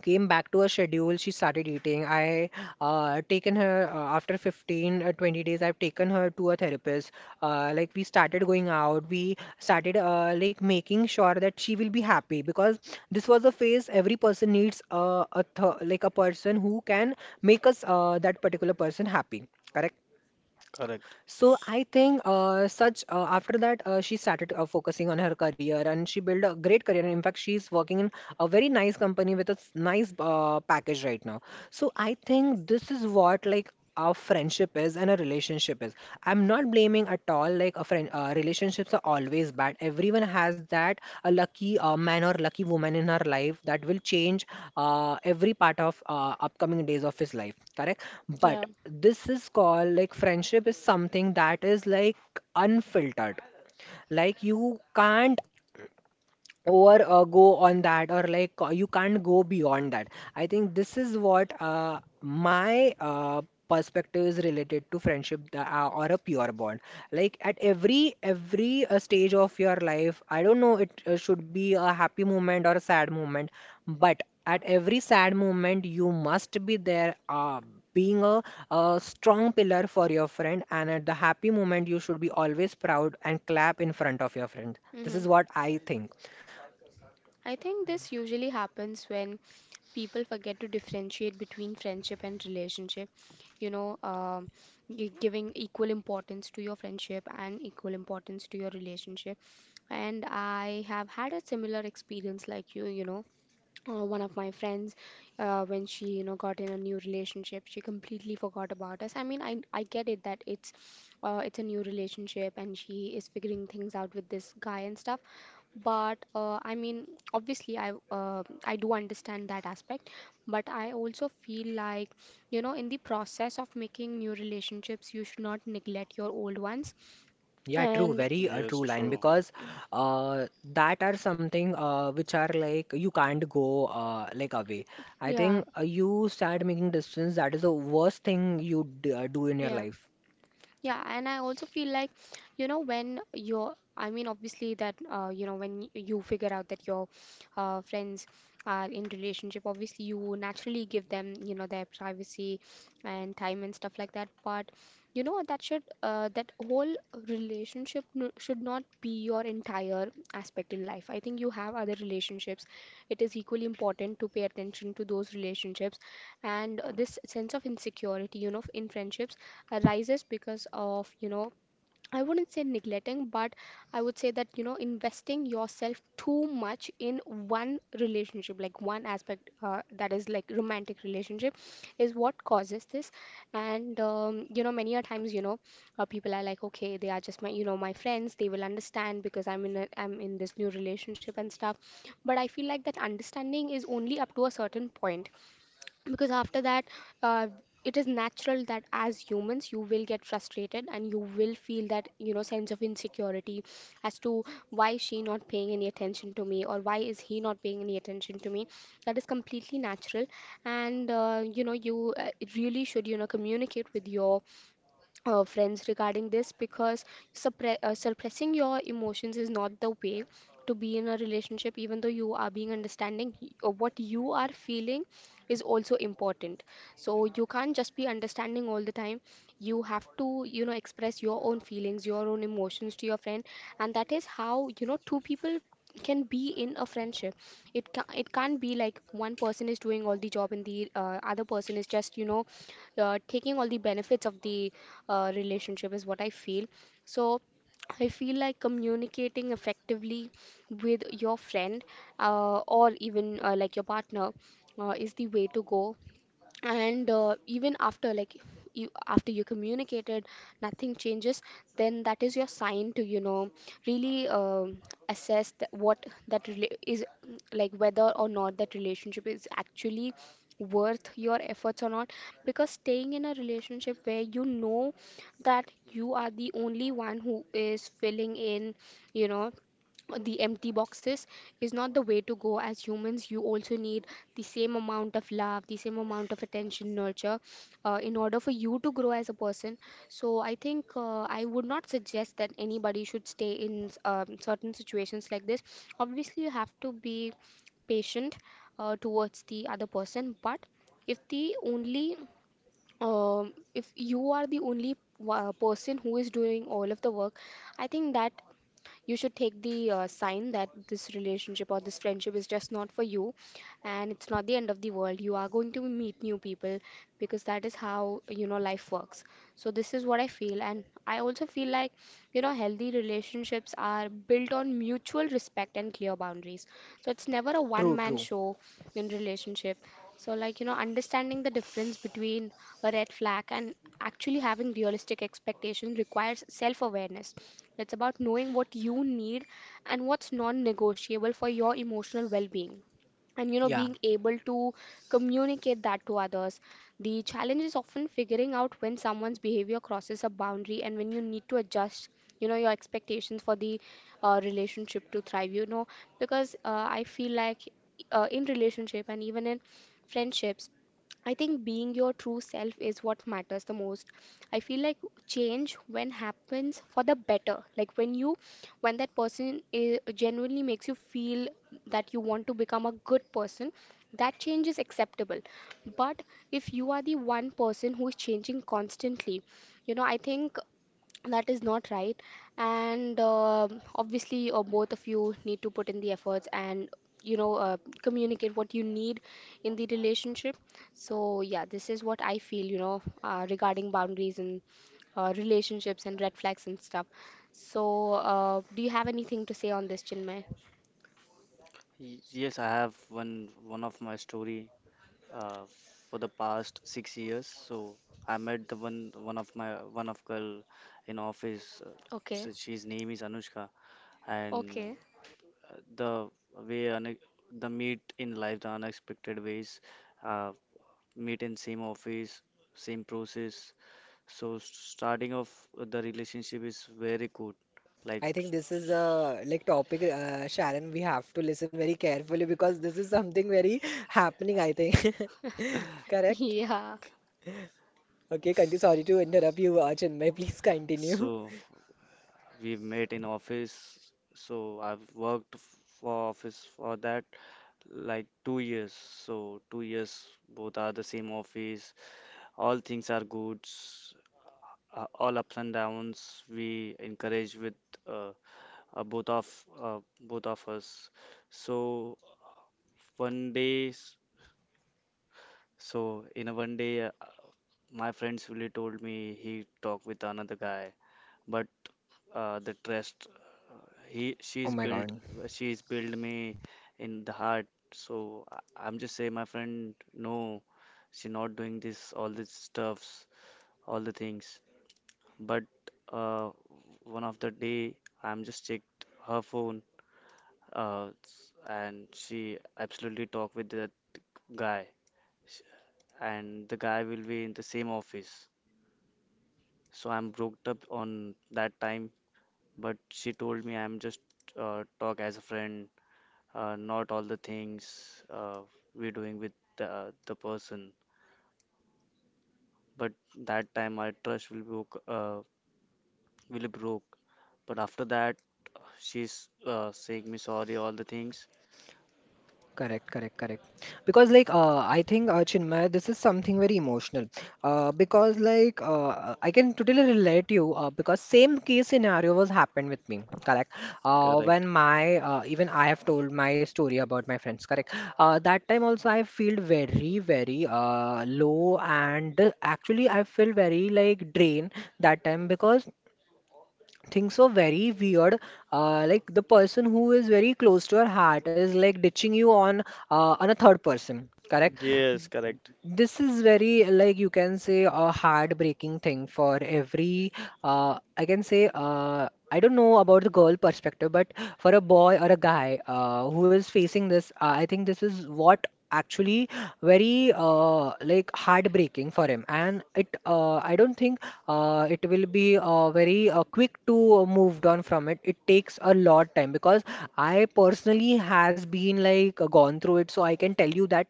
B: came back to her schedule, she started eating. I taken her after 15 uh, 20 days, I've taken her to a therapist. Like, we started going out, we started like making sure that she will be happy, because this was a phase every person needs like a person who can make us that particular person happy. Correct.
C: Correct.
B: So I think such after that she started focusing on her career, and she built a great career. And in fact, she's working in a very nice company with a nice package right now. So I think this is what like our friendship is and a relationship is. I'm not blaming at all. Like, a friend, relationships are always bad. Everyone has that a lucky man or lucky woman in her life that will change every part of upcoming days of his life. Correct. But
A: Yeah.
B: this is called like friendship is something that is like unfiltered, like you can't or go on that, or you can't go beyond that. I think this is what my perspective is related to friendship, or a pure bond. Like, at every stage of your life, I don't know it should be a happy moment or a sad moment. But at every sad moment you must be there, being a strong pillar for your friend, and at the happy moment you should be always proud and clap in front of your friend. This
A: Hmm.
B: is what I think.
A: I think this usually happens when people forget to differentiate between friendship and relationship. You know, giving equal importance to your friendship and equal importance to your relationship. And I have had a similar experience like you know. One of my friends, when she, you know, got in a new relationship, she completely forgot about us. I mean, I get it that it's, it's a new relationship and she is figuring things out with this guy and stuff. But I mean, obviously I do understand that aspect. But I also feel like, you know, in the process of making new relationships, you should not neglect your old ones.
B: Yeah, true,
A: And
B: very a
C: Yes,
B: true line,
C: true.
B: because uh, that are something which are like you can't go like away. I
A: yeah.
B: think you start making distance, that is the worst thing you d do in your
A: Yeah.
B: life.
A: Yeah, and I also feel like, you know, when you're, I mean, obviously that, you know, when you figure out that your friends are in relationship, obviously you naturally give them, you know, their privacy and time and stuff like that. But, you know, that should, that whole relationship n should not be your entire aspect in life. I think you have other relationships. It is equally important to pay attention to those relationships. And this sense of insecurity, you know, in friendships rises because of, you know, I wouldn't say neglecting, but I would say that, you know, investing yourself too much in one relationship, like one aspect, that is like romantic relationship, is what causes this. And you know, many a times, you know, people are like, okay, they are just my, you know, my friends, they will understand because I'm in this new relationship and stuff. But I feel like that understanding is only up to a certain point, because after that, uh, it is natural that as humans you will get frustrated and you will feel that, you know, sense of insecurity as to why is she not paying any attention to me or why is he not paying any attention to me. That is completely natural. And you know, you really should, you know, communicate with your friends regarding this, because suppressing your emotions is not the way to be in a relationship. Even though you are being understanding, what you are feeling is also important. So you can't just be understanding all the time. You have to, you know, express your own feelings, your own emotions to your friend. And that is how, you know, two people can be in a friendship. It can't be like one person is doing all the job and the other person is just, you know, taking all the benefits of the relationship is what I feel. So I feel like communicating effectively with your friend, or even like your partner, is the way to go. And even after, like, you after you communicated nothing changes, then that is your sign to, you know, really assess what that is, like Whether or not that relationship is actually worth your efforts or not. Because staying in a relationship where you know that you are the only one who is filling in, you know, the empty boxes is not the way to go. As humans you also need the same amount of love, the same amount of attention, nurture, in order for you to grow as a person. So I think I would not suggest that anybody should stay in certain situations like this. Obviously you have to be patient towards the other person, but if the only if you are the only person who is doing all of the work, I think that you should take the sign that this relationship or this friendship is just not for you. And it's not the end of the world. You are going to meet new people, because that is how, you know, life works. So this is what I feel, and I also feel like, you know, healthy relationships are built on mutual respect and clear boundaries. So it's never a
B: True,
A: one man
B: true.
A: show in relationship. So like, you know, understanding the difference between a red flag and actually having realistic expectations requires self awareness. It's about knowing what you need and what's non negotiable for your emotional well being. And you know,
B: Yeah.
A: being able to communicate that to others. The challenge is often figuring out when someone's behavior crosses a boundary and when you need to adjust, you know, your expectations for the relationship to thrive. You know, because I feel like in relationship and even in friendships I think being your true self is what matters the most. I feel like change when happens for the better. Like when you, when that person is genuinely makes you feel that you want to become a good person, that change is acceptable. But if you are the one person who is changing constantly, you know, I think that is not right. And obviously, both of you need to put in the efforts and, you know, communicate what you need in the relationship. So, yeah, this is what I feel, you know, regarding boundaries and relationships and red flags and stuff. So, do you have anything to say on this, Chinmay?
C: Yes, I have one of my story uh, for the past 6 years. So I met the one one of my one of girl in office. So
A: Okay.
C: she's name is Anushka, and
A: Okay.
C: the way une the meet in life, the unexpected ways. Uh, Meet in same office, same process. So starting of the relationship is very good. Like,
B: I think this is a like topic, Sharon, we have to listen very carefully, because this is something very [laughs] happening, I think. [laughs]
A: [laughs]
B: Correct?
A: Yeah,
B: Okay, continue. Sorry to interrupt you, Chinmay. Please continue.
C: so
B: [laughs]
C: we've met in office. So I've worked for office for that like 2 years. So 2 years both are the same office. All things are good. All ups and downs we encourage with uh, uh, both of uh, both of us. So One day, s- so in a one day, my friend really told me he talked with another guy, but the trust he
B: Oh
C: she's
B: my
C: built,
B: God.
C: she's built me in the heart. So I, I'm just saying, my friend, no, she not doing this all these stuffs, all the things. But uh, one of the day, I'm just checked her phone, uh, and she absolutely talked with that guy, and the guy will be in the same office. So I'm broke up on that time, but she told me I'm just talk as a friend, not all the things we're doing with the person. But that time my trust will be will broke. But after that, she's saying me sorry all the things.
B: Correct, correct, correct. Because like I think Chinmay, this is something very emotional. Because like I can totally relate to you. Because same case scenario was happened with me. Correct. When
C: Correct.
B: my even I have told my story about my friends. Correct. That time also I feel very very low, and actually I feel very like drained that time, because things so very weird, like the person who is very close to your heart is like ditching you on a third person, correct.
C: Yes, correct.
B: This is very, like you can say, a heartbreaking thing for every, I can say, I don't know about the girl perspective, but for a boy or a guy who is facing this, I think this is what actually very like heartbreaking for him. And it, I don't think it will be very quick to moved on from it. It takes a lot time, because I personally has been like gone through it, so I can tell you that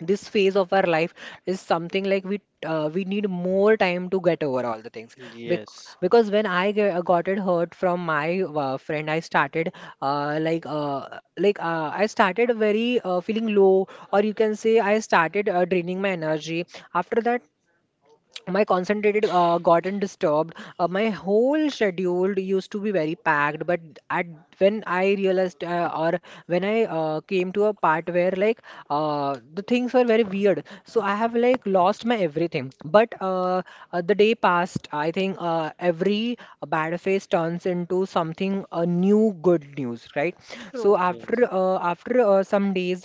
B: this phase of our life is something like we need more time to get over all the things. Bec
C: Yes,
B: because when I got it hurt from my friend, I started I started very feeling low, or you can say I started draining my energy. After that, my concentrated gotten disturbed. My whole schedule used to be very packed, but at when I realized or when I came to a part where like the things were very weird, so I have like lost my everything. But the day passed. I think every bad phase turns into something new good news, right?
A: true.
B: So after
C: yes,
B: uh, after uh, some days,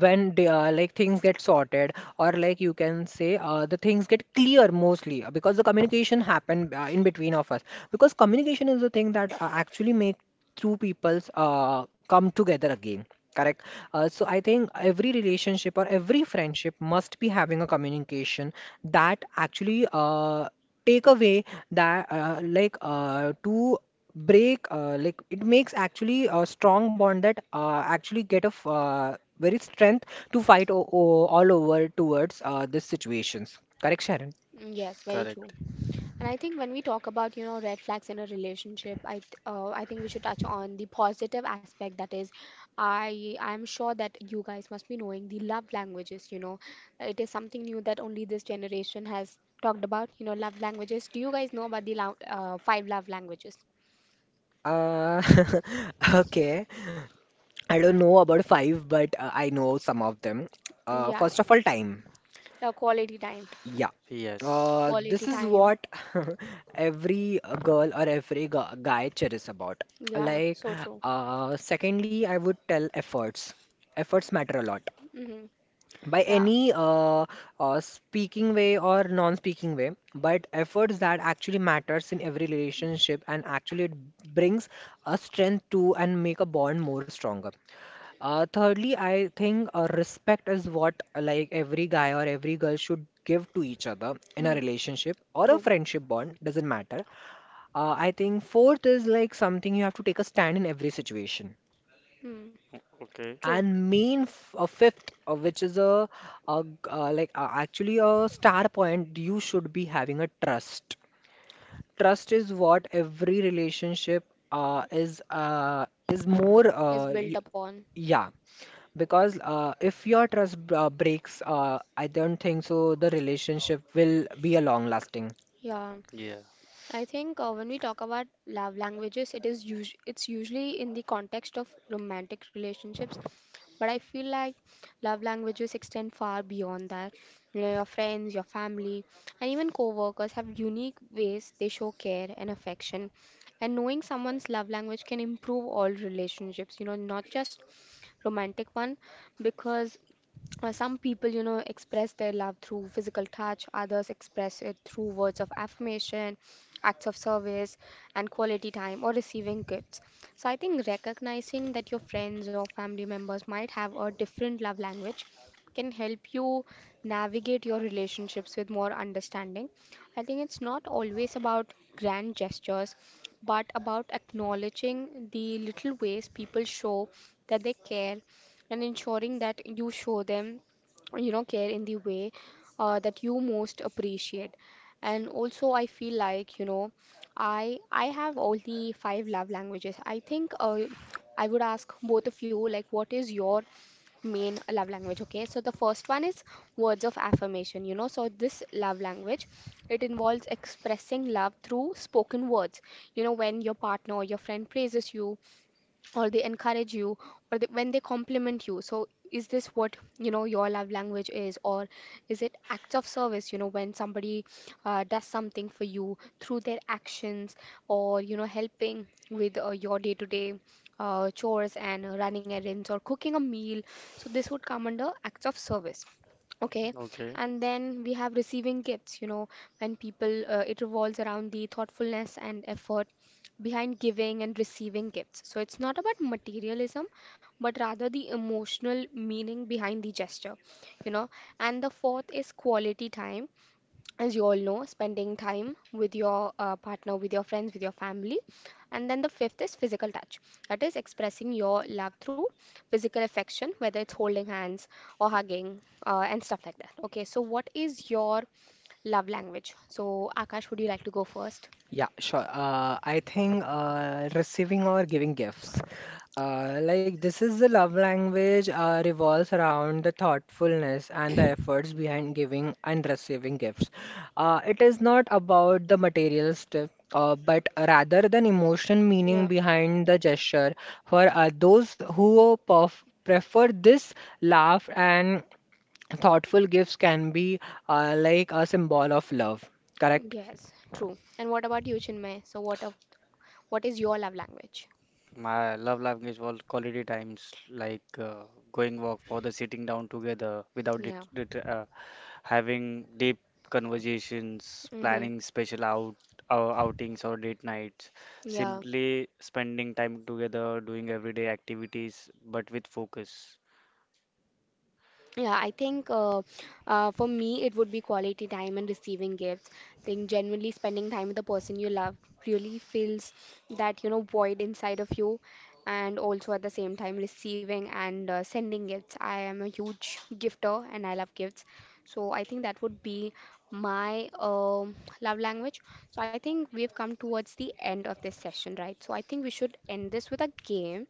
B: when they are like things get sorted, or like you can say the things get clear, mostly because the communication happen in between of us. Because communication is the thing that actually make two people's come together again, correct. So I think every relationship or every friendship must be having a communication, that actually take away that to break, like it makes actually a strong bond that actually get a very strength to fight all over towards these situations, correct Sharon.
A: Mm, yes, very
C: correct.
A: true. And I think when we talk about, you know, red flags in a relationship, I think we should touch on the positive aspect. That is, I'm sure that you guys must be knowing the love languages. You know, it is something new that only this generation has talked about. You know, love languages. Do you guys know about the five love languages?
B: uh, [laughs] okay, I don't know about five, but I know some of them.
A: Yeah,
B: First of all, time.
A: yeah, quality time,
B: Yeah.
C: Yes.
B: This
A: quality
B: is
A: time.
B: what [laughs] every girl or every guy cherishes about.
A: Yeah,
B: Like,
A: so true.
B: secondly I would tell efforts. Efforts matter a lot
A: Mm-hmm.
B: by
A: Yeah.
B: any speaking way or non-speaking way, but efforts that actually matters in every relationship, and actually it brings a strength to, and make a bond more stronger. Thirdly, I think respect is what like every guy or every girl should give to each other in a
A: Hmm.
B: relationship or a friendship bond, doesn't matter. I think fourth is like something you have to take a stand in every situation.
A: Mm,
C: O- Okay.
B: And main a fifth, which is a like actually a star point, you should be having a trust. Trust is what every relationship uh, is uh, is more
A: built upon.
B: yeah, because if your trust breaks, I don't think so the relationship will be a long lasting.
A: Yeah.
C: Yeah.
A: I think when we talk about love languages, it's usually in the context of romantic relationships, but I feel like love languages extend far beyond that. You know, your friends, your family, and even co-workers have unique ways they show care and affection. And knowing someone's love language can improve all relationships, you know, not just romantic one, because some people, you know, express their love through physical touch, others express it through words of affirmation, acts of service, and quality time or receiving gifts. So I think recognizing that your friends or family members might have a different love language can help you navigate your relationships with more understanding. I think it's not always about grand gestures, but about acknowledging the little ways people show that they care, and ensuring that you show them, you know, care in the way that you most appreciate. And also I feel like, you know, I have only five love languages. I think I would ask both of you, like, what is your main love language? Okay, so the first one is words of affirmation. You know, so this love language, it involves expressing love through spoken words. You know, when your partner or your friend praises you, or they encourage you, or they, when they compliment you. So is this what, you know, your love language is, or is it acts of service? You know, when somebody does something for you through their actions, or you know, helping with your day-to-day chores, and running errands or cooking a meal, so this would come under acts of service. Okay,
C: Okay.
A: and then we have receiving gifts, you know, when people, it revolves around the thoughtfulness and effort behind giving and receiving gifts. So it's not about materialism, but rather the emotional meaning behind the gesture, you know. And the fourth is quality time, as you all know, spending time with your partner, with your friends, with your family. And then the fifth is physical touch. That is expressing your love through physical affection, whether it's holding hands or hugging, and stuff like that. Okay, so what is your love language? So, Akash, would you like to go first?
B: Yeah, sure. I think receiving or giving gifts. Like, this is the love language revolves around the thoughtfulness and the efforts behind giving and receiving gifts. It is not about the material stuff, but rather than emotion meaning
A: Yeah.
B: behind the gesture. For those who perf prefer this, laugh and thoughtful gifts can be like a symbol of love. Correct?
A: Yes, true. And what about you, Chinmay? So, what is your love language?
C: My love language was quality times, like going walk for the sitting down together without det
A: Yeah.
C: det having deep conversations,
A: Mm-hmm.
C: planning special outings or date nights,
A: Yeah,
C: simply spending time together, doing everyday activities, but with focus.
A: yeah, I think for me it would be quality time and receiving gifts. I think genuinely spending time with the person you love really fills that, you know, void inside of you, and also at the same time receiving and sending gifts. I am a huge gifter and I love gifts. So I think that would be my love language. So I think we've come towards the end of this session, right? So I think we should end this with a game.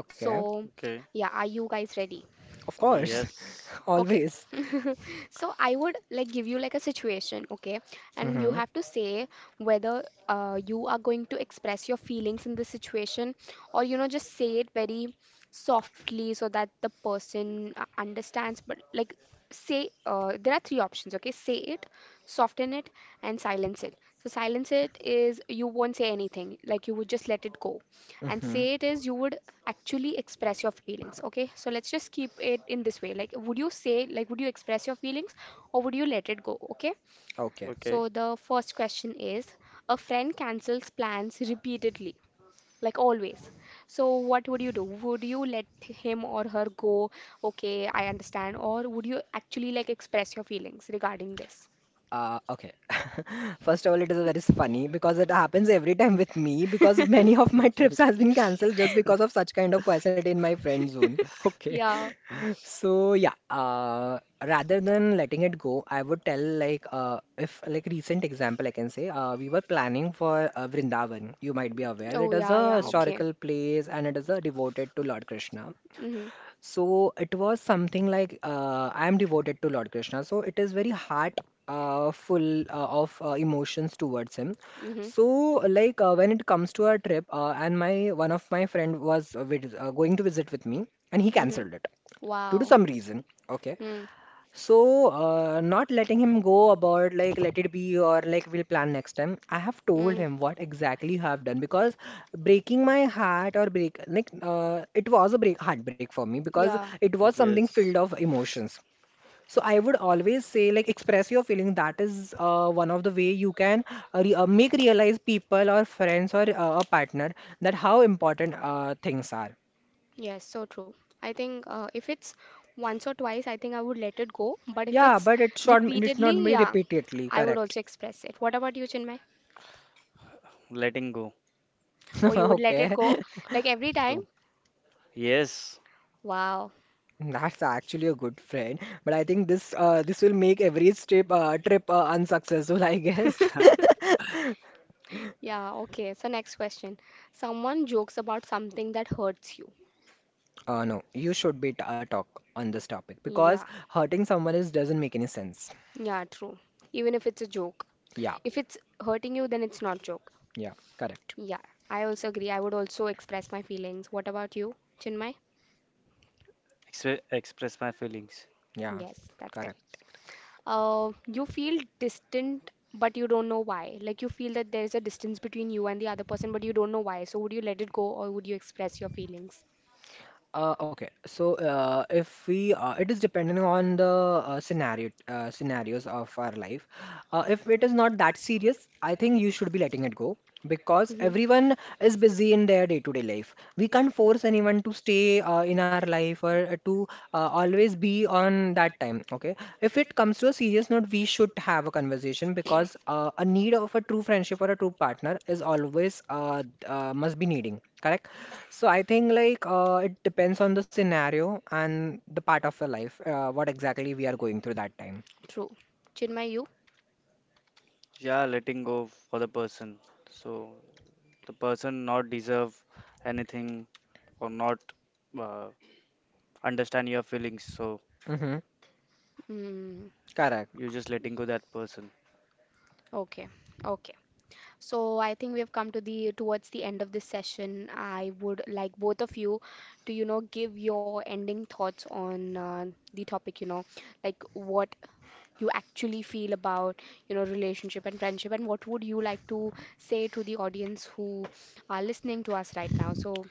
B: Okay.
A: So
C: Okay.
A: yeah, are you guys ready?
B: Of course.
C: Yes,
B: [laughs]
A: Okay.
B: Always.
A: [laughs] So I would like give you like a situation, okay? And you
B: hmm
A: have to say whether you are going to express your feelings in this situation, or you know, just say it very softly so that the person understands. But like, say there are three options, okay? Say it, soften it, and silence it. So silence it is you won't say anything, like you would just let it go. And
B: hmm
A: say it is you would actually express your feelings. Okay, so let's just keep it in this way. Like, would you say, like, would you express your feelings or would you let it go? Okay,
B: Okay.
C: okay.
A: so the first question is, a friend cancels plans repeatedly, like always. So what would you do? Would you let him or her go, okay, I understand, or would you actually like express your feelings regarding this?
B: Okay. [laughs] First of all, it is very funny, because it happens every time with me, because many of my trips has been cancelled just because of such kind of personality in my friend zone. Okay.
A: Yeah.
B: [laughs] So yeah, rather than letting it go, I would tell if like recent example I can say we were planning for Vrindavan. You might be aware
A: Oh,
B: it is
A: yeah,
B: a
A: yeah.
C: Uh,
A: Okay.
B: historical place and it is devoted to Lord Krishna.
A: Mm-hmm.
B: So it was something like I am devoted to Lord Krishna. So it is very heart full of emotions towards him.
A: Mm-hmm.
B: So when it comes to our trip, and my one of my friend was going to visit with me, and he
A: Mm-hmm.
B: cancelled it due to
A: Wow.
B: some reason. Okay, so, not letting him go about like let it be or like we'll plan next time. I have told
A: Mm,
B: him what exactly I have done because breaking my heart or break like it was a break heartbreak for me because
A: yeah.
B: it was something filled
C: yes.
B: of emotions. So I would always say like express your feelings. That is one of the way you can re make realize people or friends or a partner that how important things are.
A: Yes, so true. I think if it's once or twice, I think I would let it go. But if
B: Yeah,
A: it's
B: but it should not
A: repeatedly,
B: be
A: yeah,
B: repeatedly,
A: I would
B: correct.
A: also express it. What about you, Chinmay?
C: Letting go.
A: Or
B: [laughs]
A: you would let it
B: Okay,
A: go,
B: [laughs]
A: like every time?
C: Go. Yes,
A: Wow.
B: that's actually a good friend. But I think this will make every trip unsuccessful, I guess. [laughs]
A: Yeah, okay. So next question. Someone jokes about something that hurts you.
B: No, you should be t talk on this topic because hurting someone is doesn't make any sense.
A: Yeah, true. Even if it's a joke.
B: Yeah,
A: If it's hurting you, then it's not joke.
B: yeah, correct.
A: Yeah, I also agree. I would also express my feelings. What about you, Chinmay?
C: express my feelings.
B: Yeah,
A: Yes, that's
B: correct.
A: correct. You feel distant, but you don't know why. Like, you feel that there is a distance between you and the other person, but you don't know why. So would you let it go or would you express your feelings?
B: Okay, so if we it is depending on the scenarios of our life. If it is not that serious, I think you should be letting it go because
A: Hmm.
B: everyone is busy in their day-to-day life. We can't force anyone to stay in our life or to always be on that time. Okay, if it comes to a serious note, we should have a conversation because a need of a true friendship or a true partner is always must be needing. Correct? So I think it depends on the scenario and the part of your life, what exactly we are going through that time.
A: True. Chinmay, you?
C: Yeah, letting go for the person. So the person not deserve anything or not uh, understand your feelings. So
B: Mm-hmm.
A: Mm,
B: Correct.
C: you just letting go that person.
A: okay. Okay. So I think we have come to the towards the end of this session. I would like both of you to, you know, give your ending thoughts on the topic, you know, like what you actually feel about, you know, relationship and friendship, and what would you like to say to the audience who are listening to us right now. So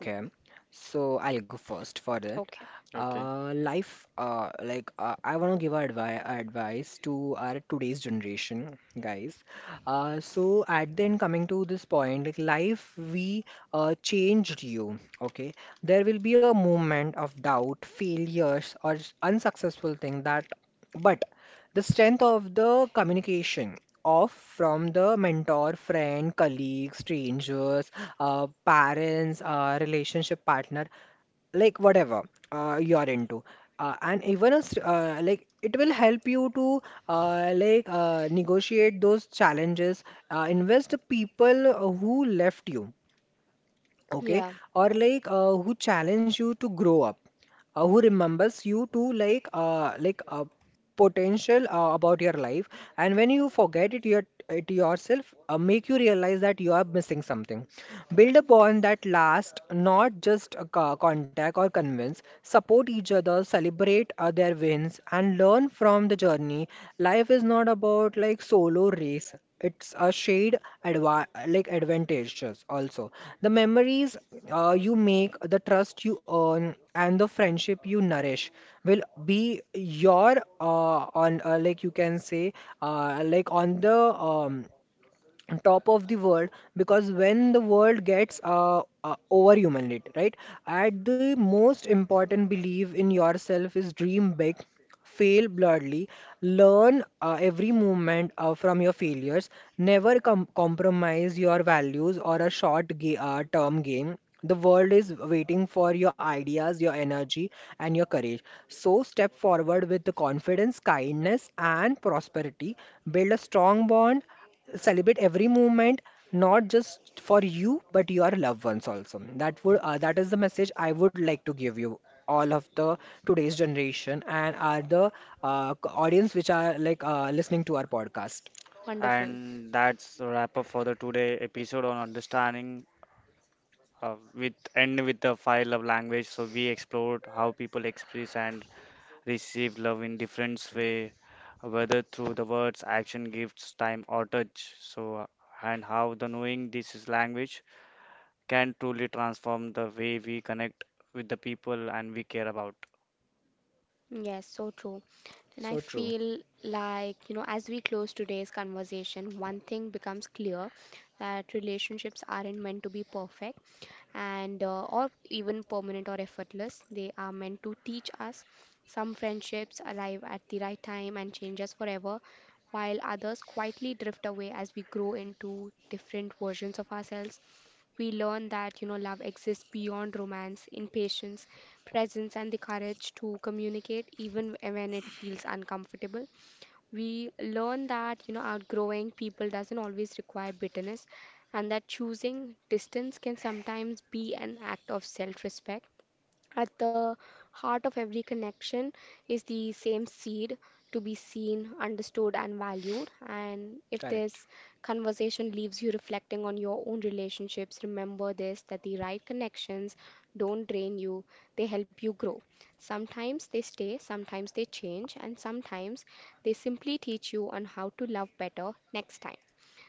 A: yeah.
B: So I'll go first for it.
A: Okay.
C: Okay.
B: Life, I want to give a advice to our today's generation, guys. So at the end, coming to this point, like life, we changed you. Okay, there will be a moment of doubt, failures, or unsuccessful thing that, but the strength of the communication of from the mentor, friend, colleague, strangers, parents, relationship partner, like whatever you're into, and even like it will help you to negotiate those challenges, invest the people who left you, okay,
A: Yeah.
B: or who challenge you to grow up, who remembers you to potential about your life, and when you forget it your it yourself make you realize that you are missing something. Build upon that last, not just a contact or convince. Support each other, celebrate their wins, and learn from the journey. Life is not about like solo race. It's a shared advantages also. The memories you make, the trust you earn, and the friendship you nourish will be your on like you can say on the top of the world, because when the world gets overhumaned, right, at the most important, believe in yourself is dream big, fail bloodily, learn every moment from your failures, never compromise your values or a short term game. The world is waiting for your ideas, your energy, and your courage. So step forward with the confidence, kindness, and prosperity. Build a strong bond, celebrate every moment, not just for you but your loved ones also. That would that is the message I would like to give you all of the today's generation and are the audience which are like listening to our podcast.
A: Wonderful.
C: And that's a wrap up for the today episode on understanding. With end with the five love language. So we explored how people express and receive love in different way, whether through the words, action, gifts, time, or touch. So and how the knowing this is language can truly transform the way we connect with the people and we care about.
A: Yes, so true. And I
B: So true.
A: feel like, you know, as we close today's conversation, one thing becomes clear, that relationships aren't meant to be perfect and or even permanent or effortless. They are meant to teach us. Some friendships arrive at the right time and change us forever, while others quietly drift away as we grow into different versions of ourselves. We learn that, you know, love exists beyond romance in patience, presence, and the courage to communicate even when it feels uncomfortable. We learn that, you know, outgrowing people doesn't always require bitterness, and that choosing distance can sometimes be an act of self respect. At the heart of every connection is the same seed, to be seen, understood, and valued. And if
B: Correct.
A: this conversation leaves you reflecting on your own relationships, remember this, that the right connections don't drain you, they help you grow. Sometimes they stay, sometimes they change, and sometimes they simply teach you on how to love better next time.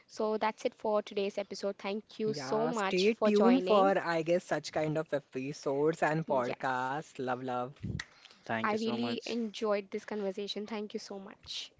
A: So that's it for today's episode. Thank you so
B: Yeah,
A: much
B: stay
A: for
B: tuned
A: joining.
B: for I guess such kind of episodes and
A: Yes,
B: podcasts. Love love.
C: Thank
A: I
C: you so
A: really
C: much.
A: enjoyed this conversation. Thank you so much.